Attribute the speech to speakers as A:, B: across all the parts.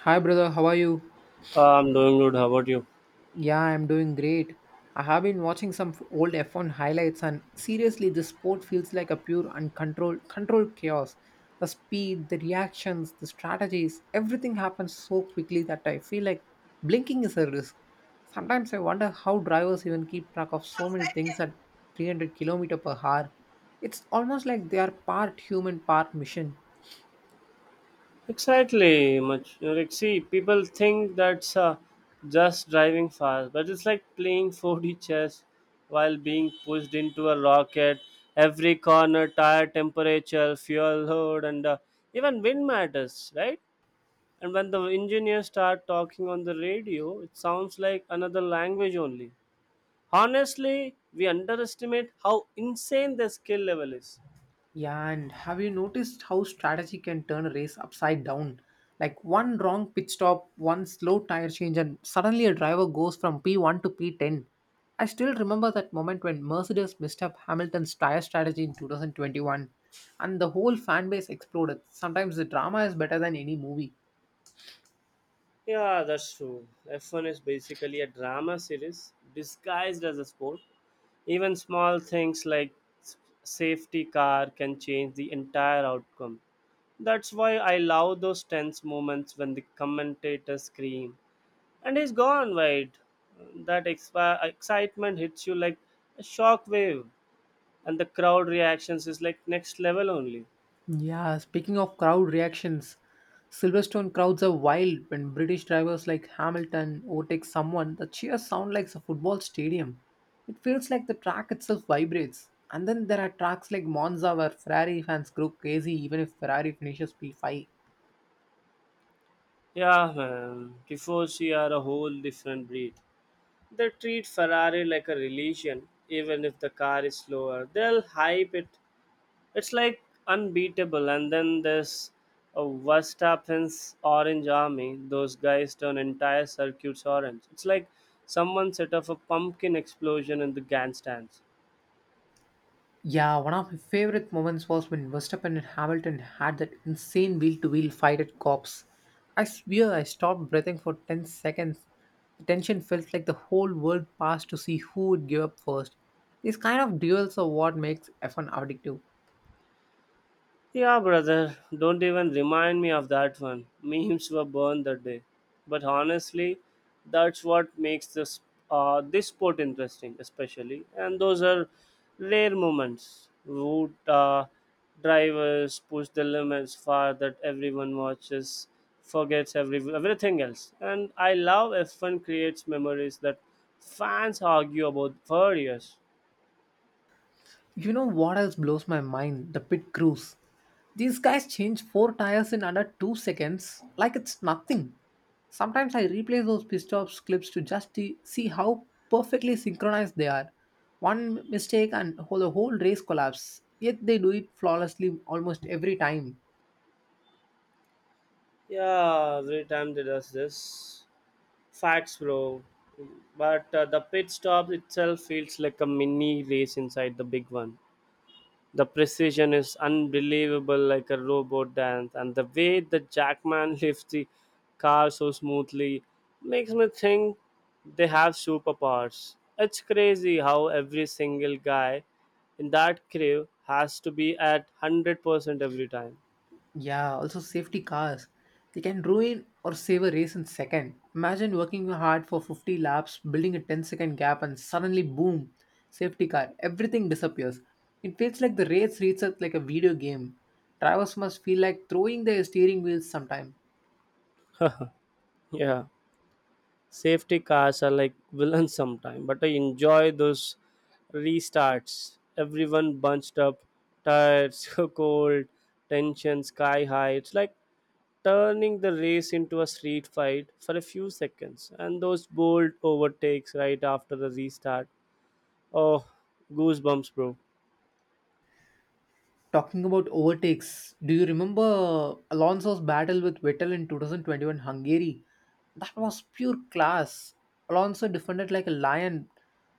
A: Hi, brother. How are you?
B: I'm doing good. How about you?
A: Yeah, I'm doing great. I have been watching some old F1 highlights, and seriously, this sport feels like a pure uncontrolled controlled chaos. The speed, the reactions, the strategies, everything happens so quickly that I feel like blinking is a risk. Sometimes I wonder how drivers even keep track of so many things at 300 kilometer per hour. It's almost like they are part human, part machine.
B: Exactly. Much like see, people think that's just driving fast, but it's like playing 4D chess while being pushed into a rocket. Every corner, tire temperature, fuel load, and even wind matters, right? And when the engineers start talking on the radio, it sounds like another language only. Honestly, we underestimate how insane their skill level is.
A: Yeah, and have you noticed how strategy can turn a race upside down? Like one wrong pit stop, one slow tire change, and suddenly a driver goes from P1 to P10. I still remember that moment when Mercedes messed up Hamilton's tire strategy in 2021, and the whole fan base exploded. Sometimes the drama is better than any movie.
B: Yeah, that's true. F1 is basically a drama series disguised as a sport. Even small things like s- safety car can change the entire outcome. That's why I love those tense moments when the commentators scream and he's gone wide. That excitement hits you like a shockwave, and the crowd reactions is like next level only.
A: Yeah, speaking of crowd reactions, Silverstone crowds are wild when British drivers like Hamilton overtake someone. The cheers sound like a football stadium. It feels like the track itself vibrates. And then there are tracks like Monza where Ferrari fans go crazy even if Ferrari finishes P5.
B: Yeah, man, tifosi are a whole different breed. They treat Ferrari like a religion, even if the car is slower. They'll hype it. It's like unbeatable. And then there's a Verstappen's Orange Army. Those guys turn entire circuits orange. It's like someone set off a pumpkin explosion in the grandstands.
A: Yeah, one of my favorite moments was when Verstappen and Hamilton had that insane wheel to wheel fight at Cops. I swear I stopped breathing for 10 seconds. The tension felt like the whole world passed to see who would give up first. These kind of duels are what makes F1 addictive.
B: Yeah, brother, don't even remind me of that one. Memes were burned that day. But honestly, that's what makes this sport interesting, especially. And those are rare moments. Route drivers push the limits far that everyone watches, forgets everything else. And I love F1 creates memories that fans argue about for years.
A: You know what else blows my mind? The pit crews. These guys change four tires in under 2 seconds like it's nothing. Sometimes I replay those pissed off clips to just to see how perfectly synchronized they are. One mistake and the whole race collapse. Yet they do it flawlessly almost every time.
B: Yeah, every time they does this. Facts, bro. But the pit stop itself feels like a mini race inside the big one. The precision is unbelievable, like a robot dance, and the way the Jackman lifts the car so smoothly makes me think they have superpowers. It's crazy how every single guy in that crew has to be at 100% every time.
A: Yeah, also safety cars. They can ruin or save a race in second. Imagine working hard for 50 laps, building a 10 second gap, and suddenly boom, safety car. Everything disappears. It feels like the race resets like a video game. Drivers must feel like throwing their steering wheels sometime.
B: Yeah. Safety cars are like villains sometimes, but I enjoy those restarts. Everyone bunched up, tired, so cold, tension sky high. It's like turning the race into a street fight for a few seconds. And those bold overtakes right after the restart. Oh, goosebumps, bro.
A: Talking about overtakes, do you remember Alonso's battle with Vettel in 2021 Hungary? That was pure class. Alonso defended like a lion,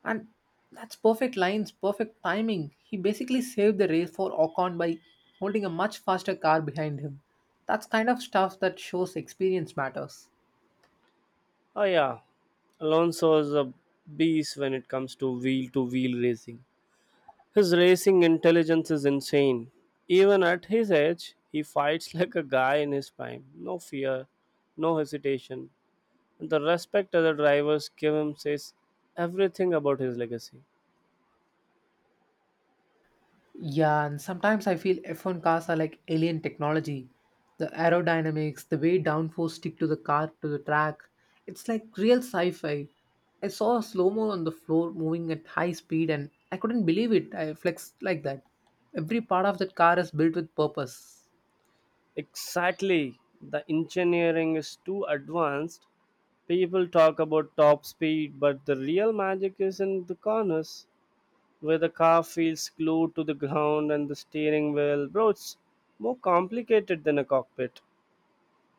A: and that's perfect lines, perfect timing. He basically saved the race for Ocon by holding a much faster car behind him. That's kind of stuff that shows experience matters.
B: Oh, yeah. Alonso is a beast when it comes to wheel racing. His racing intelligence is insane. Even at his age, he fights like a guy in his prime. No fear, no hesitation. And the respect other drivers give him says everything about his legacy.
A: Yeah, and sometimes I feel F1 cars are like alien technology. The aerodynamics, the way downforce stick to the car to the track, it's like real sci-fi. I saw a slow-mo on the floor moving at high speed and I couldn't believe it. I flexed like that. Every part of that car is built with purpose.
B: Exactly. The engineering is too advanced. People talk about top speed, but the real magic is in the corners, where the car feels glued to the ground and the steering wheel. Bro, it's more complicated than a cockpit.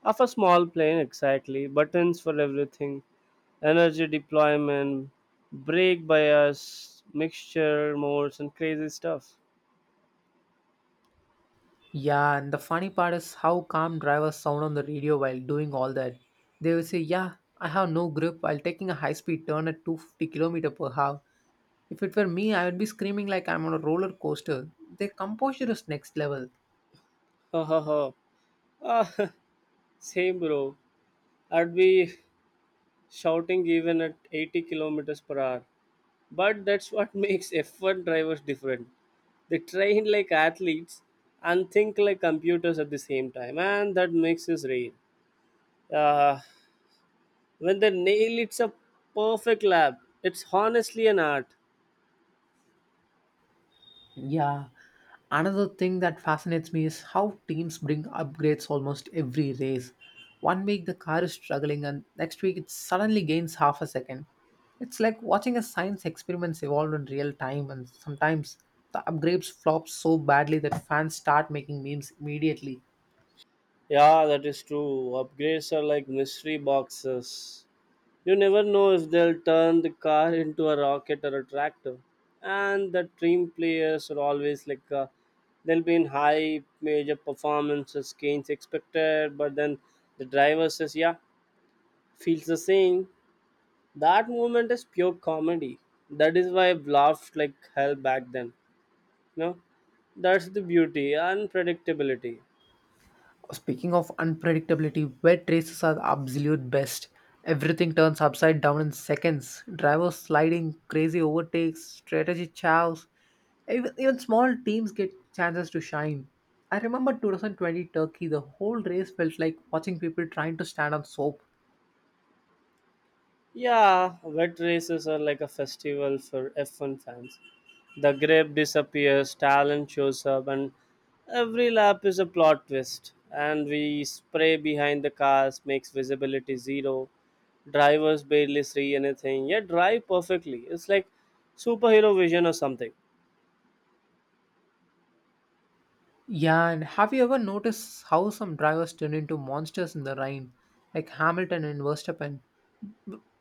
B: Of a small plane, exactly. Buttons for everything. Energy deployment, brake bias, mixture modes, and crazy stuff.
A: Yeah, and the funny part is how calm drivers sound on the radio while doing all that. They will say, "Yeah, I have no grip while taking a high-speed turn at 250 km per hour." If it were me, I would be screaming like I'm on a roller coaster. Their composure is next level.
B: Ha ha ha. Ah, same bro. I'd be shouting even at 80 kilometers per hour. But that's what makes F1 drivers different. They train like athletes and think like computers at the same time, and that makes us rare. Uh, When they nail it's a perfect lab. It's honestly an art.
A: Yeah. Another thing that fascinates me is how teams bring upgrades almost every race. One week the car is struggling, and next week it suddenly gains half a second. It's like watching a science experiments evolve in real time, and sometimes the upgrades flop so badly that fans start making memes immediately.
B: Yeah, that is true. Upgrades are like mystery boxes. You never know if they'll turn the car into a rocket or a tractor. And the team players are always like, they'll be in high major performances, gains expected, but then the driver says, yeah, feels the same. That moment is pure comedy. That is why I've laughed like hell back then. No, that's the beauty unpredictability.
A: Speaking of unpredictability, wet races are the absolute best. Everything turns upside down in seconds. Drivers sliding, crazy overtakes, strategy chows. Even small teams get chances to shine. I remember 2020 Turkey, the whole race felt like watching people trying to stand on soap.
B: Yeah, wet races are like a festival for F1 fans. The grape disappears, talent shows up, and every lap is a plot twist. And we spray behind the cars, makes visibility zero. Drivers barely see anything, yet drive perfectly. It's like superhero vision or something.
A: Yeah, and have you ever noticed how some drivers turn into monsters in the rain, like Hamilton and Verstappen?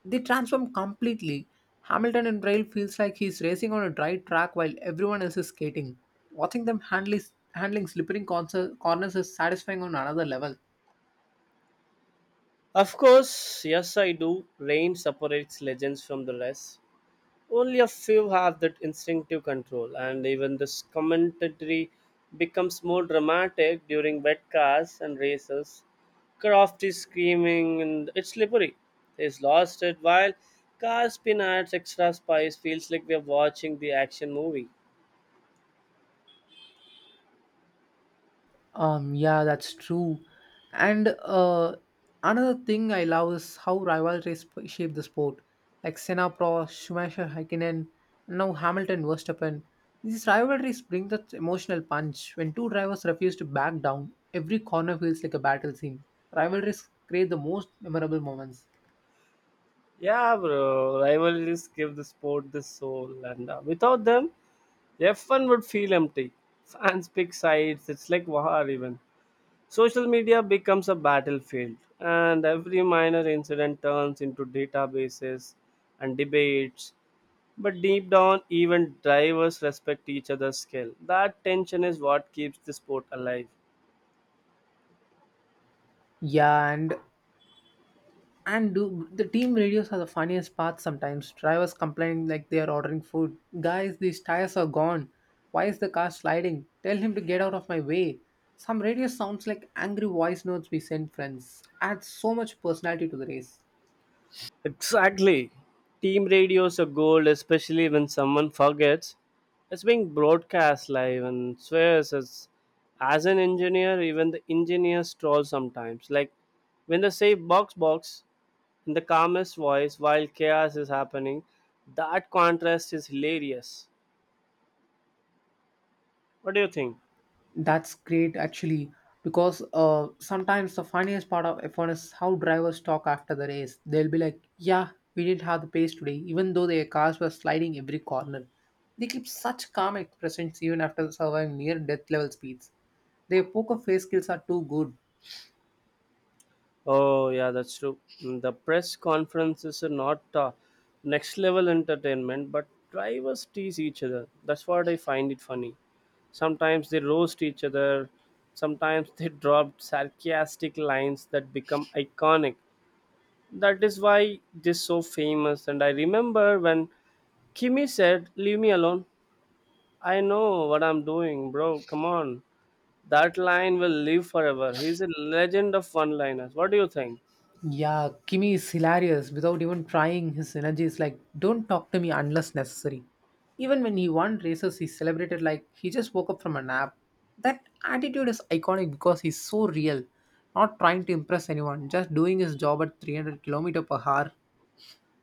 A: They transform completely. Hamilton in Braille feels like he's racing on a dry track while everyone else is skating. Watching them handling slippery corners is satisfying on another level.
B: Of course, yes, I do. Rain separates legends from the rest. Only a few have that instinctive control, and even this commentary becomes more dramatic during wet cars and races. Croft is screaming, and it's slippery. He's lost it while car spin adds extra spice. Feels like we are watching the action movie.
A: Yeah, that's true. And another thing I love is how rivalries shape the sport. Like Senna Pro, Schumacher, Häkkinen, and now Hamilton, Verstappen. These rivalries bring that emotional punch. When two drivers refuse to back down, every corner feels like a battle scene. Rivalries create the most memorable moments.
B: Yeah, bro. Rivalries give the sport the soul, and without them, F1 would feel empty. Fans pick sides. It's like war even. Social media becomes a battlefield, and every minor incident turns into databases and debates. But deep down, even drivers respect each other's skill. That tension is what keeps the sport alive.
A: Yeah, and do the team radios are the funniest part sometimes. Drivers complaining like they are ordering food. Guys, these tires are gone. Why is the car sliding? Tell him to get out of my way. Some radio sounds like angry voice notes we send friends. Adds so much personality to the race.
B: Exactly. Team radio's a gold, especially when someone forgets. It's being broadcast live and swears as an engineer, even the engineers troll sometimes. Like when they say box box in the calmest voice while chaos is happening, that contrast is hilarious. What do you think?
A: That's great actually, because sometimes the funniest part of F1 is how drivers talk after the race. They'll be like, "Yeah, we didn't have the pace today," even though their cars were sliding every corner. They keep such calm expressions even after surviving near-death level speeds. Their poker face skills are too good.
B: Oh, yeah, that's true. Mm, the press conferences are not next level entertainment, but drivers tease each other. That's what I find it funny. Sometimes they roast each other, sometimes they drop sarcastic lines that become iconic. That is why it is so famous. And I remember when Kimi said, leave me alone. I know what I'm doing, bro. Come on. That line will live forever. He's a legend of one liners. What do you think?
A: Yeah, Kimi is hilarious without even trying. His energy is like, don't talk to me unless necessary. Even when he won races, he celebrated like he just woke up from a nap. That attitude is iconic because he's so real, not trying to impress anyone, just doing his job at 300 kilometers per hour.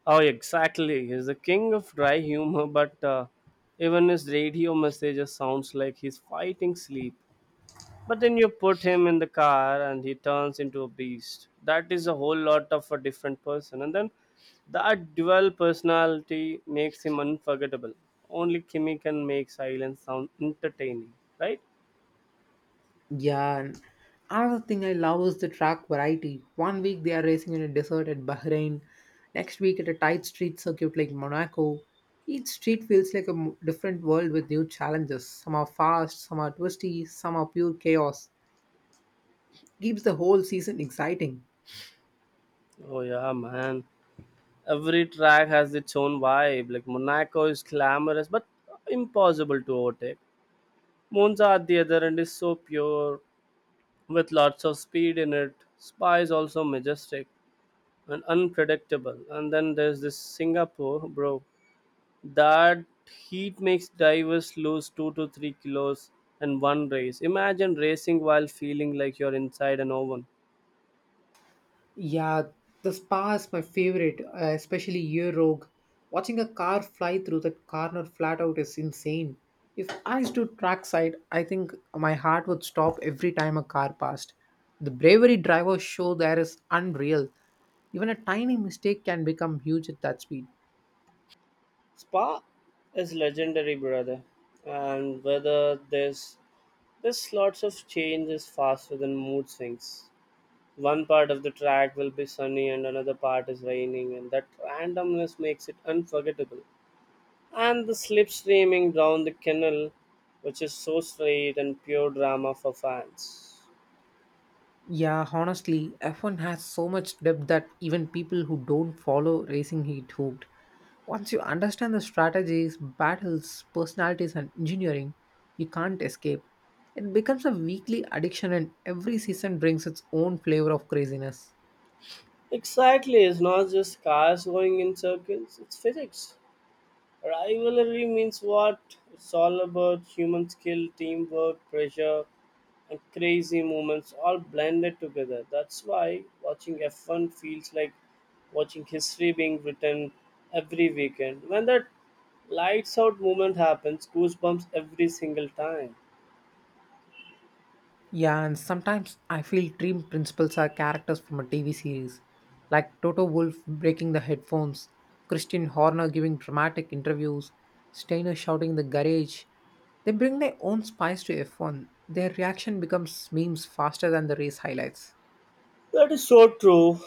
B: Oh, exactly. He's the king of dry humor, but even his radio messages sounds like he's fighting sleep. But then you put him in the car and he turns into a beast. That is a whole lot of a different person. And then that dual personality makes him unforgettable. Only Kimmy can make silence sound entertaining, right?
A: Yeah, and another thing I love is the track variety. One week they are racing in a desert at Bahrain, next week at a tight street circuit like Monaco. Each street feels like a different world with new challenges. Some are fast, some are twisty, some are pure chaos. Keeps the whole season exciting.
B: Oh yeah, man. Every track has its own vibe. Like Monaco is glamorous but impossible to overtake. Monza at the other end is so pure, with lots of speed in it. Spa is also majestic and unpredictable. And then there's this Singapore, bro. That heat makes divers lose 2 to 3 kilos in one race. Imagine racing while feeling like you're inside an oven.
A: Yeah, the spa is my favorite, especially year rogue. Watching a car fly through that corner flat out is insane. If I stood trackside, I think my heart would stop every time a car passed. The bravery drivers show there is unreal. Even a tiny mistake can become huge at that speed.
B: Spa is legendary, brother. And whether there's lots of changes faster than mood swings. One part of the track will be sunny and another part is raining, and that randomness makes it unforgettable. And the slipstreaming down the canal, which is so straight and pure drama for fans.
A: Yeah, honestly, F1 has so much depth that even people who don't follow racing get hooked. Once you understand the strategies, battles, personalities, and engineering, you can't escape. It becomes a weekly addiction, and every season brings its own flavor of craziness.
B: Exactly, it's not just cars going in circles, it's physics. Rivalry means what? It's all about human skill, teamwork, pressure, and crazy moments all blended together. That's why watching F1 feels like watching history being written every weekend. When that lights out moment happens, goosebumps every single time.
A: Yeah, and sometimes I feel Dream Principals are characters from a TV series, like Toto Wolf breaking the headphones, Christian Horner giving dramatic interviews, Steiner shouting in the garage. They bring their own spice to F1. Their reaction becomes memes faster than the race highlights.
B: That is so true.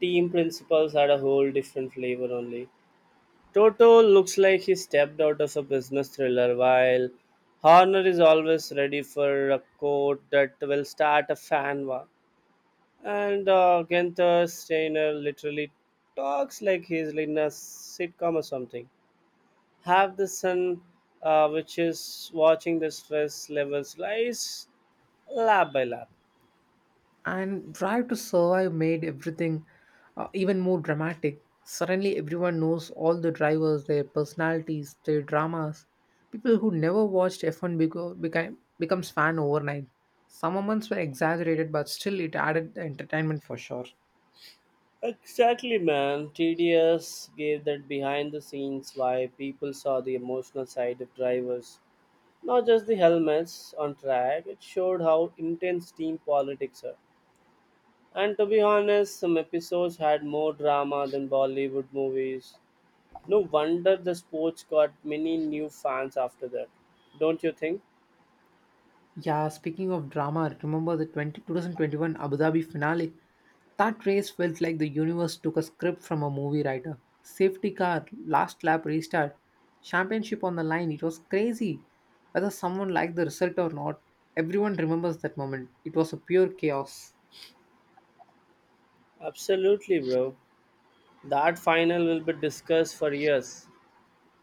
B: Team principles had a whole different flavor only. Toto looks like he stepped out of a business thriller, while Horner is always ready for a quote that will start a fan war. And Gunther Steiner literally talks like he's in a sitcom or something. Have the son, which is watching the stress levels rise lap by lap.
A: And Drive to Survive made everything even more dramatic. Suddenly everyone knows all the drivers, their personalities, their dramas. People who never watched F1 beco- became becomes fan overnight. Some moments were exaggerated, but still it added the entertainment for sure.
B: Exactly, man. TDS gave that behind the scenes why people saw the emotional side of drivers, not just the helmets on track. It showed how intense team politics are. And to be honest, some episodes had more drama than Bollywood movies. No wonder the sports got many new fans after that. Don't you think?
A: Yeah, speaking of drama, remember the 20 2021 Abu Dhabi finale? That race felt like the universe took a script from a movie writer. Safety car, last lap restart, championship on the line. It was crazy. Whether someone liked the result or not, everyone remembers that moment. It was a pure chaos.
B: Absolutely, bro. That final will be discussed for years.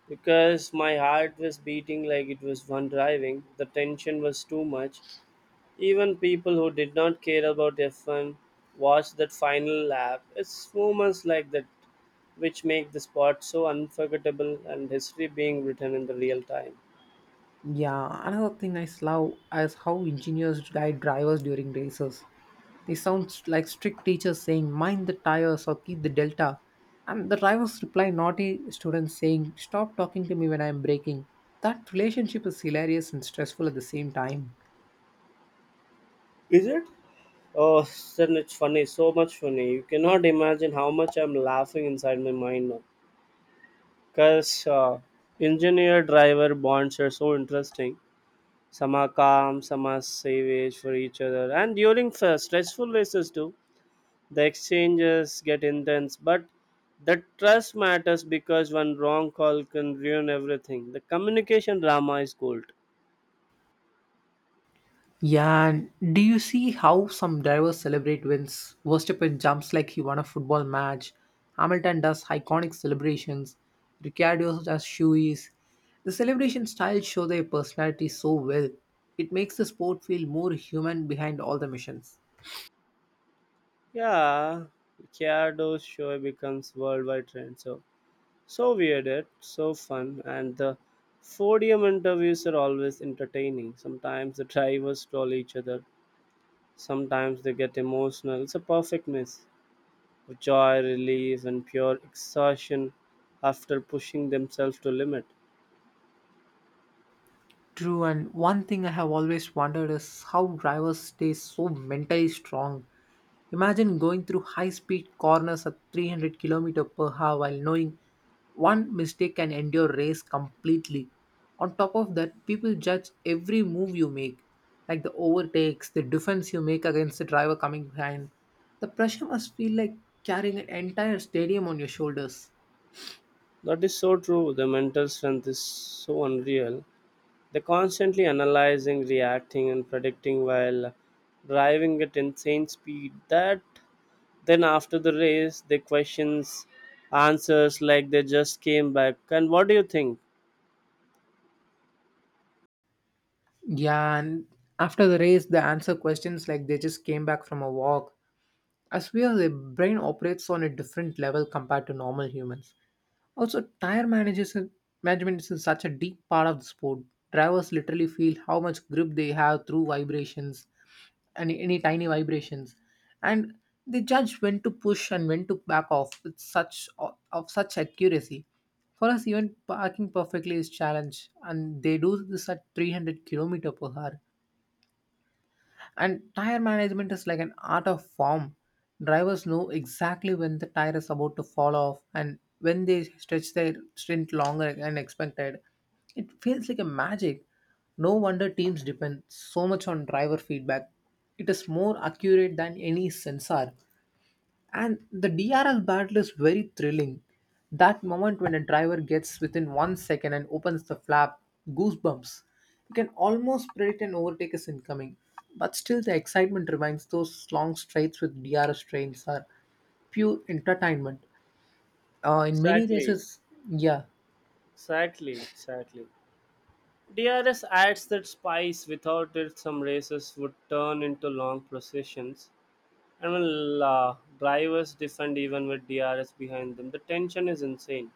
B: Because my heart was beating like it was one driving, the tension was too much. Even people who did not care about F1 watched that final lap. It's moments like that which make the sport so unforgettable and history being written in the real time.
A: Yeah, another thing I love is how engineers guide drivers during races. They sound like strict teachers saying, mind the tires or keep the delta. And the drivers reply, naughty students saying, stop talking to me when I am braking. That relationship is hilarious and stressful at the same time.
B: Is it? Oh, then it's funny, so much funny. You cannot imagine how much I'm laughing inside my mind now. Because engineer driver bonds are so interesting. Some are calm, some are savage for each other. And during stressful races too, the exchanges get intense. But the trust matters because one wrong call can ruin everything. The communication drama is gold.
A: Yeah, and do you see how some drivers celebrate wins? Verstappen jumps like he won a football match. Hamilton does iconic celebrations. Ricciardo does shoeies. The celebration styles show their personality so well. It makes the sport feel more human behind all the missions.
B: Yeah, Ricciardo's show becomes worldwide trend. So, so weird, it so fun, and the podium interviews are always entertaining. Sometimes the drivers troll each other. Sometimes they get emotional. It's a perfect mix. Joy, relief, and pure exhaustion after pushing themselves to limit.
A: True, and one thing I have always wondered is how drivers stay so mentally strong. Imagine going through high speed corners at 300 km per hour while knowing one mistake can end your race completely. On top of that, people judge every move you make, like the overtakes, the defense you make against the driver coming behind. The pressure must feel like carrying an entire stadium on your shoulders.
B: That is so true. The mental strength is so unreal. They're constantly analyzing, reacting, and predicting while driving at insane speed. That then after the race, they questions answers like they just came back. And what do you think?
A: Yeah, and after the race, they answer questions like they just came back from a walk. As we are, the brain operates on a different level compared to normal humans. Also, tire managers management is such a deep part of the sport. Drivers literally feel how much grip they have through vibrations and any tiny vibrations, and they judge when to push and when to back off with such accuracy. For us, even parking perfectly is challenge, and they do this at 300 kilometer per hour. And tire management is like an art of form. Drivers know exactly when the tire is about to fall off and when they stretch their stint longer than expected. It feels like a magic. No wonder teams depend so much on driver feedback. It is more accurate than any sensor. And the DRL battle is very thrilling. That moment when a driver gets within 1 second and opens the flap, goosebumps. You can almost predict an overtake is incoming. But still, the excitement remains. Those long straights with DRS trains are pure entertainment. In many
B: Exactly,
A: races, yeah.
B: exactly. DRS adds that spice without it some races would turn into long processions. And when drivers defend even with DRS behind them, the tension is insane.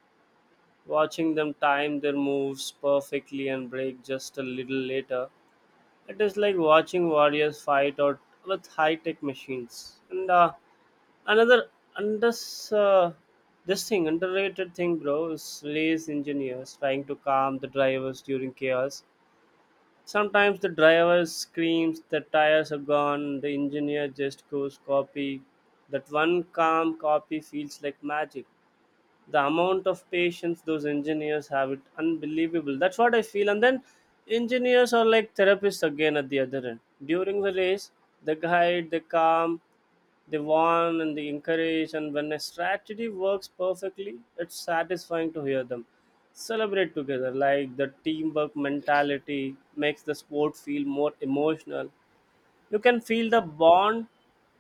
B: Watching them time their moves perfectly and brake just a little later, it is like watching warriors fight out with high-tech machines. And another under uh, this thing underrated thing, bro, is race engineers trying to calm the drivers during chaos. Sometimes the driver screams, the tires are gone, the engineer just goes copy. That one calm copy feels like magic. The amount of patience those engineers have, it unbelievable. That's what I feel. And then engineers are like therapists again at the other end during the race. They guide, they calm, they warn, and they encourage. And when a strategy works perfectly, it's satisfying to hear them celebrate together. Like the teamwork mentality makes the sport feel more emotional. You can feel the bond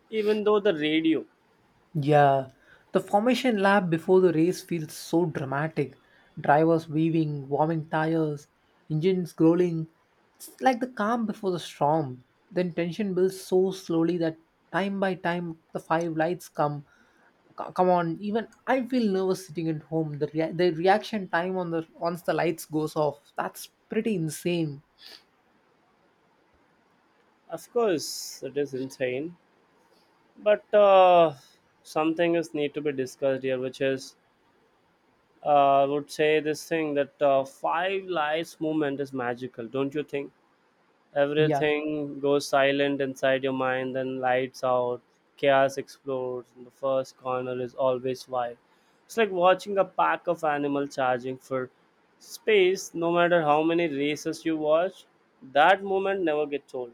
B: even though the radio.
A: Yeah, the formation lap before the race feels so dramatic. Drivers weaving, warming tires, engines growling. It's like the calm before the storm. Then tension builds so slowly that time by time the five lights come. Come on, even I feel nervous sitting at home. The reaction time on the once the lights goes off, that's pretty insane.
B: Of course it is insane, but some things need to be discussed here, which is, I would say this thing that, five lights movement is magical, don't you think?
A: Yeah.
B: Everything goes silent inside your mind, then lights out. Chaos explodes and the first corner is always wide. It's like watching a pack of animals charging for space. No matter how many races you watch, that moment never gets old.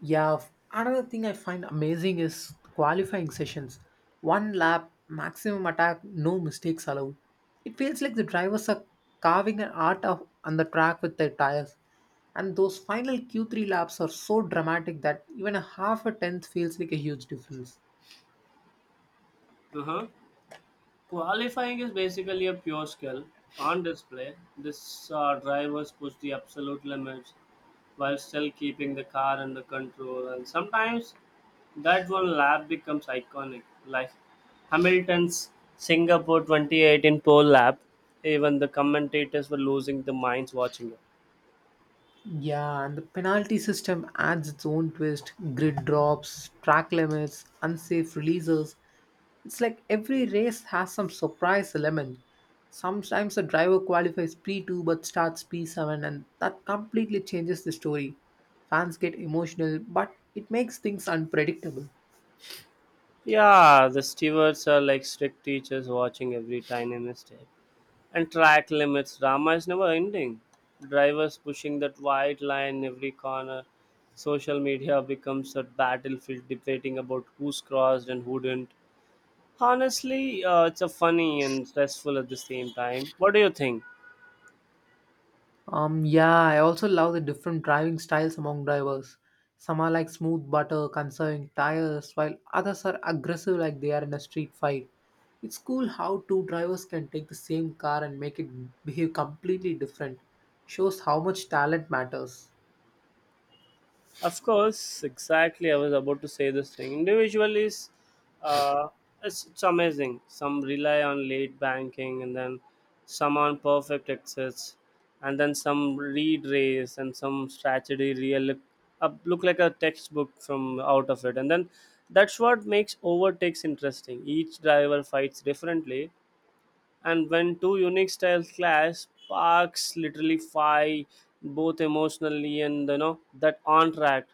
A: Yeah, another thing I find amazing is qualifying sessions. One lap, maximum attack, no mistakes allowed. It feels like the drivers are carving an art of, on the track with their tires. And those final Q3 laps are so dramatic that even a half a tenth feels like a huge difference.
B: Uh-huh. Qualifying is basically a pure skill on display. This, drivers push the absolute limits while still keeping the car under control, and sometimes that one lap becomes iconic, like Hamilton's Singapore 2018 pole lap. Even the commentators were losing their minds watching it.
A: Yeah, and the penalty system adds its own twist grid drops, track limits, unsafe releases. It's like every race has some surprise element. Sometimes a driver qualifies P2 but starts P7, and that completely changes the story. Fans get emotional, but it makes things unpredictable.
B: Yeah, the stewards are like strict teachers watching every tiny mistake. And track limits drama is never ending. Drivers pushing that white line in every corner. Social media becomes a battlefield debating about who's crossed and who didn't. Honestly, it's a funny and stressful at the same time. What do you think?
A: Yeah, I also love the different driving styles among drivers. Some are like smooth butter, conserving tires, while others are aggressive like they are in a street fight. It's cool how two drivers can take the same car and make it behave completely different. Shows how much talent matters.
B: Of course, exactly. I was about to say this thing. Individual is, uh, it's amazing. Some rely on late banking, and then some on perfect exits, and then some read race, and some strategy real look like a textbook from out of it. And then that's what makes overtakes interesting. Each driver fights differently, and when two unique styles clash, sparks literally fight both emotionally and, you know, that on track.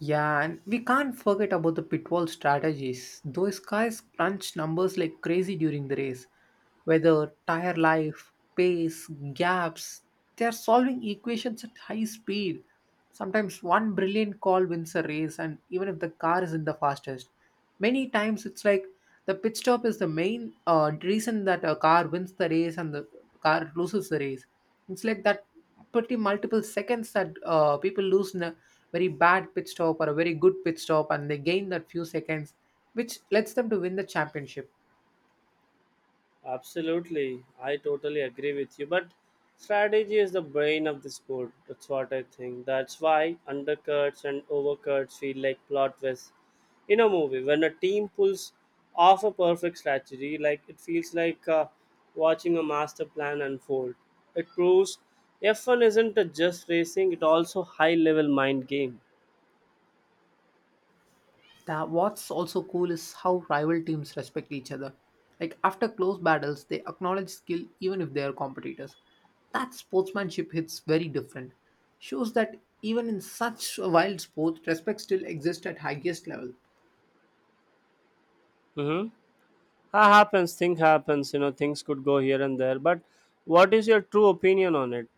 A: Yeah, and we can't forget about the pitfall strategies. Those guys crunch numbers like crazy during the race. Whether tire life, pace, gaps, they're solving equations at high speed. Sometimes one brilliant call wins a race, and even if the car isn't the fastest, many times it's like the pit stop is the main reason that a car wins the race and the car loses the race. It's like that pretty multiple seconds that people lose in a very bad pit stop or a very good pit stop, and they gain that few seconds, which lets them to win the championship.
B: Absolutely, I totally agree with you. But strategy is the brain of the sport. That's what I think. That's why undercuts and overcuts feel like plot twists in a movie. When a team pulls off a perfect strategy, like, it feels like, watching a master plan unfold. It proves F1 isn't a just racing; it also high-level mind game.
A: That what's also cool is how rival teams respect each other. Like after close battles, they acknowledge skill even if they are competitors. That sportsmanship hits very different. Shows that even in such a wild sport, respect still exists at highest level.
B: Mm-hmm. That happens. Thing happens. You know, things could go here and there. But what is your true opinion on it?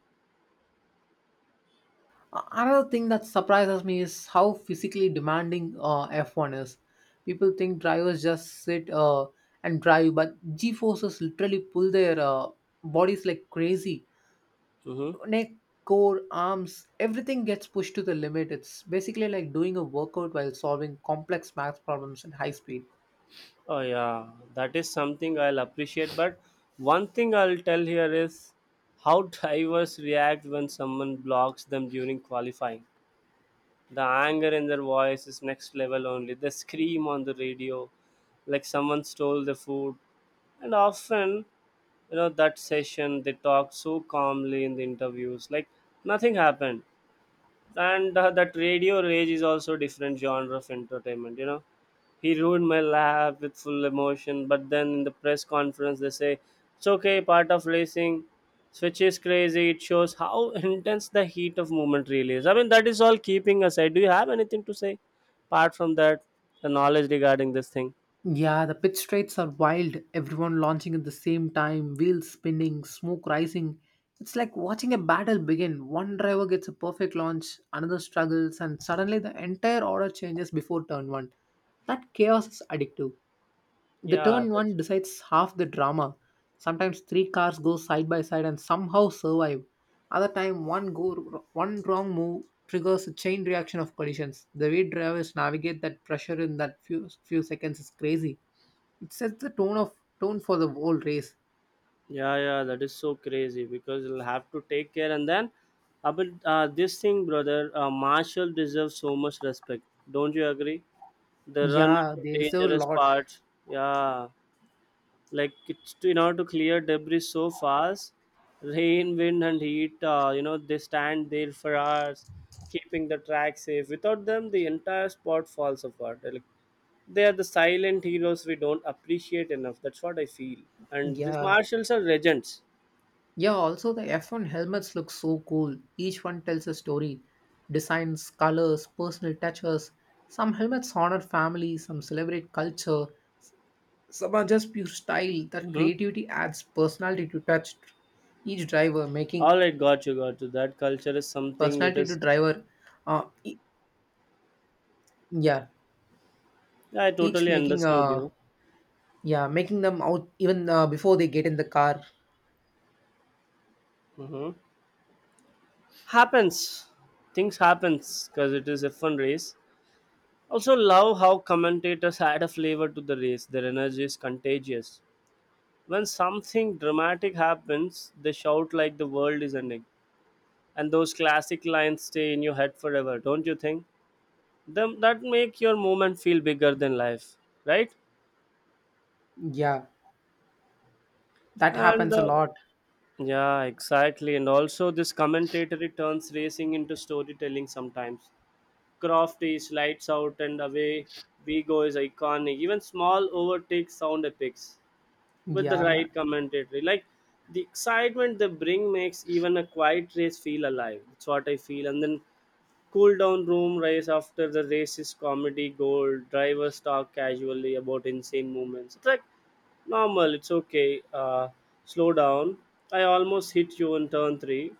A: Another thing that surprises me is how physically demanding F1 is. People think drivers just sit and drive, but G forces literally pull their bodies like crazy.
B: Mm-hmm.
A: Neck, core, arms, everything gets pushed to the limit. It's basically like doing a workout while solving complex math problems at high speed.
B: Oh yeah, that is something I'll appreciate. But one thing I'll tell here is how drivers react when someone blocks them during qualifying. The anger in their voice is next level only. They scream on the radio like someone stole the food. And often, you know, that session they talk so calmly in the interviews, like nothing happened. And that radio rage is also different genre of entertainment, you know. He ruined my laugh with full emotion, but then in the press conference they say it's okay, part of racing. Switch is crazy. It shows how intense the heat of movement really is. I mean, that is all. Keeping aside, do you have anything to say apart from that, the knowledge regarding this thing?
A: Yeah, the pitch straights are wild. Everyone launching at the same time, wheels spinning, smoke rising. It's like watching a battle begin. One driver gets a perfect launch, another struggles, and suddenly the entire order changes before turn one. That chaos is addictive. The
B: Yeah,
A: turn
B: that's.
A: one decides half the drama. Sometimes three cars go side by side and somehow survive. Other time, one wrong move triggers a chain reaction of collisions. The way drivers navigate that pressure in that few seconds is crazy. It sets the tone for the whole race.
B: Yeah, yeah, that is so crazy because you'll have to take care. And then, but this thing, brother, Marshall deserves so much respect. Don't you agree? The run
A: Yeah,
B: into
A: they deserve a
B: dangerous
A: lot.
B: parts. Yeah, in order to clear debris so fast, rain, wind, and heat. You know, they stand there for hours, keeping the track safe. Without them, the entire spot falls apart. Like, they are the silent heroes we don't appreciate enough. That's what I feel. And these
A: Yeah.
B: marshals are legends.
A: Yeah, also the F1 helmets look so cool. Each one tells a story. Designs, colors, personal touches. Some helmets honor family, some celebrate culture, some are just pure style. That
B: Mm-hmm.
A: creativity adds personality to touch each driver, making
B: All right, got you, got you. That culture is something. It
A: personality to
B: is.
A: driver. E- yeah,
B: Yeah, I
A: each
B: totally
A: making
B: understood you.
A: yeah making them out even before they get in the car.
B: Mm-hmm. Happens. Things happens because it is a fun race. Also, love how commentators add a flavor to the race. Their energy is contagious. When something dramatic happens, they shout like the world is ending, and those classic lines stay in your head forever. Don't you think? Them that make your moment feel bigger than life, right?
A: Yeah. That
B: And
A: happens a lot.
B: yeah, exactly. And also, this commentatory turns racing into storytelling sometimes. Croft is lights out and away. Vigo is iconic. Even small overtakes sound epics with the
A: Yeah,
B: right commentatory. Like the excitement they bring makes even a quiet race feel alive. That's what I feel. And then cool down room race after the race is comedy gold. Drivers talk casually about insane moments. It's like normal, it's okay. Slow down. I almost hit you in turn three.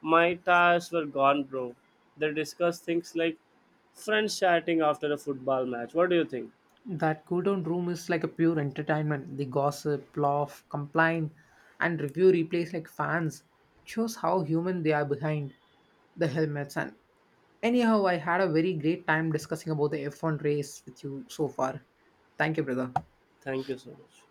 B: My tires were gone, bro. They discuss things like friends chatting after a football match. What do you think?
A: that cool down room is like a pure entertainment. The gossip, laugh, complain, and review replays like fans. It shows how human they are behind the helmets. And anyhow, I had a very great time discussing about the F1 race with you so far. Thank you, brother.
B: Thank you so much.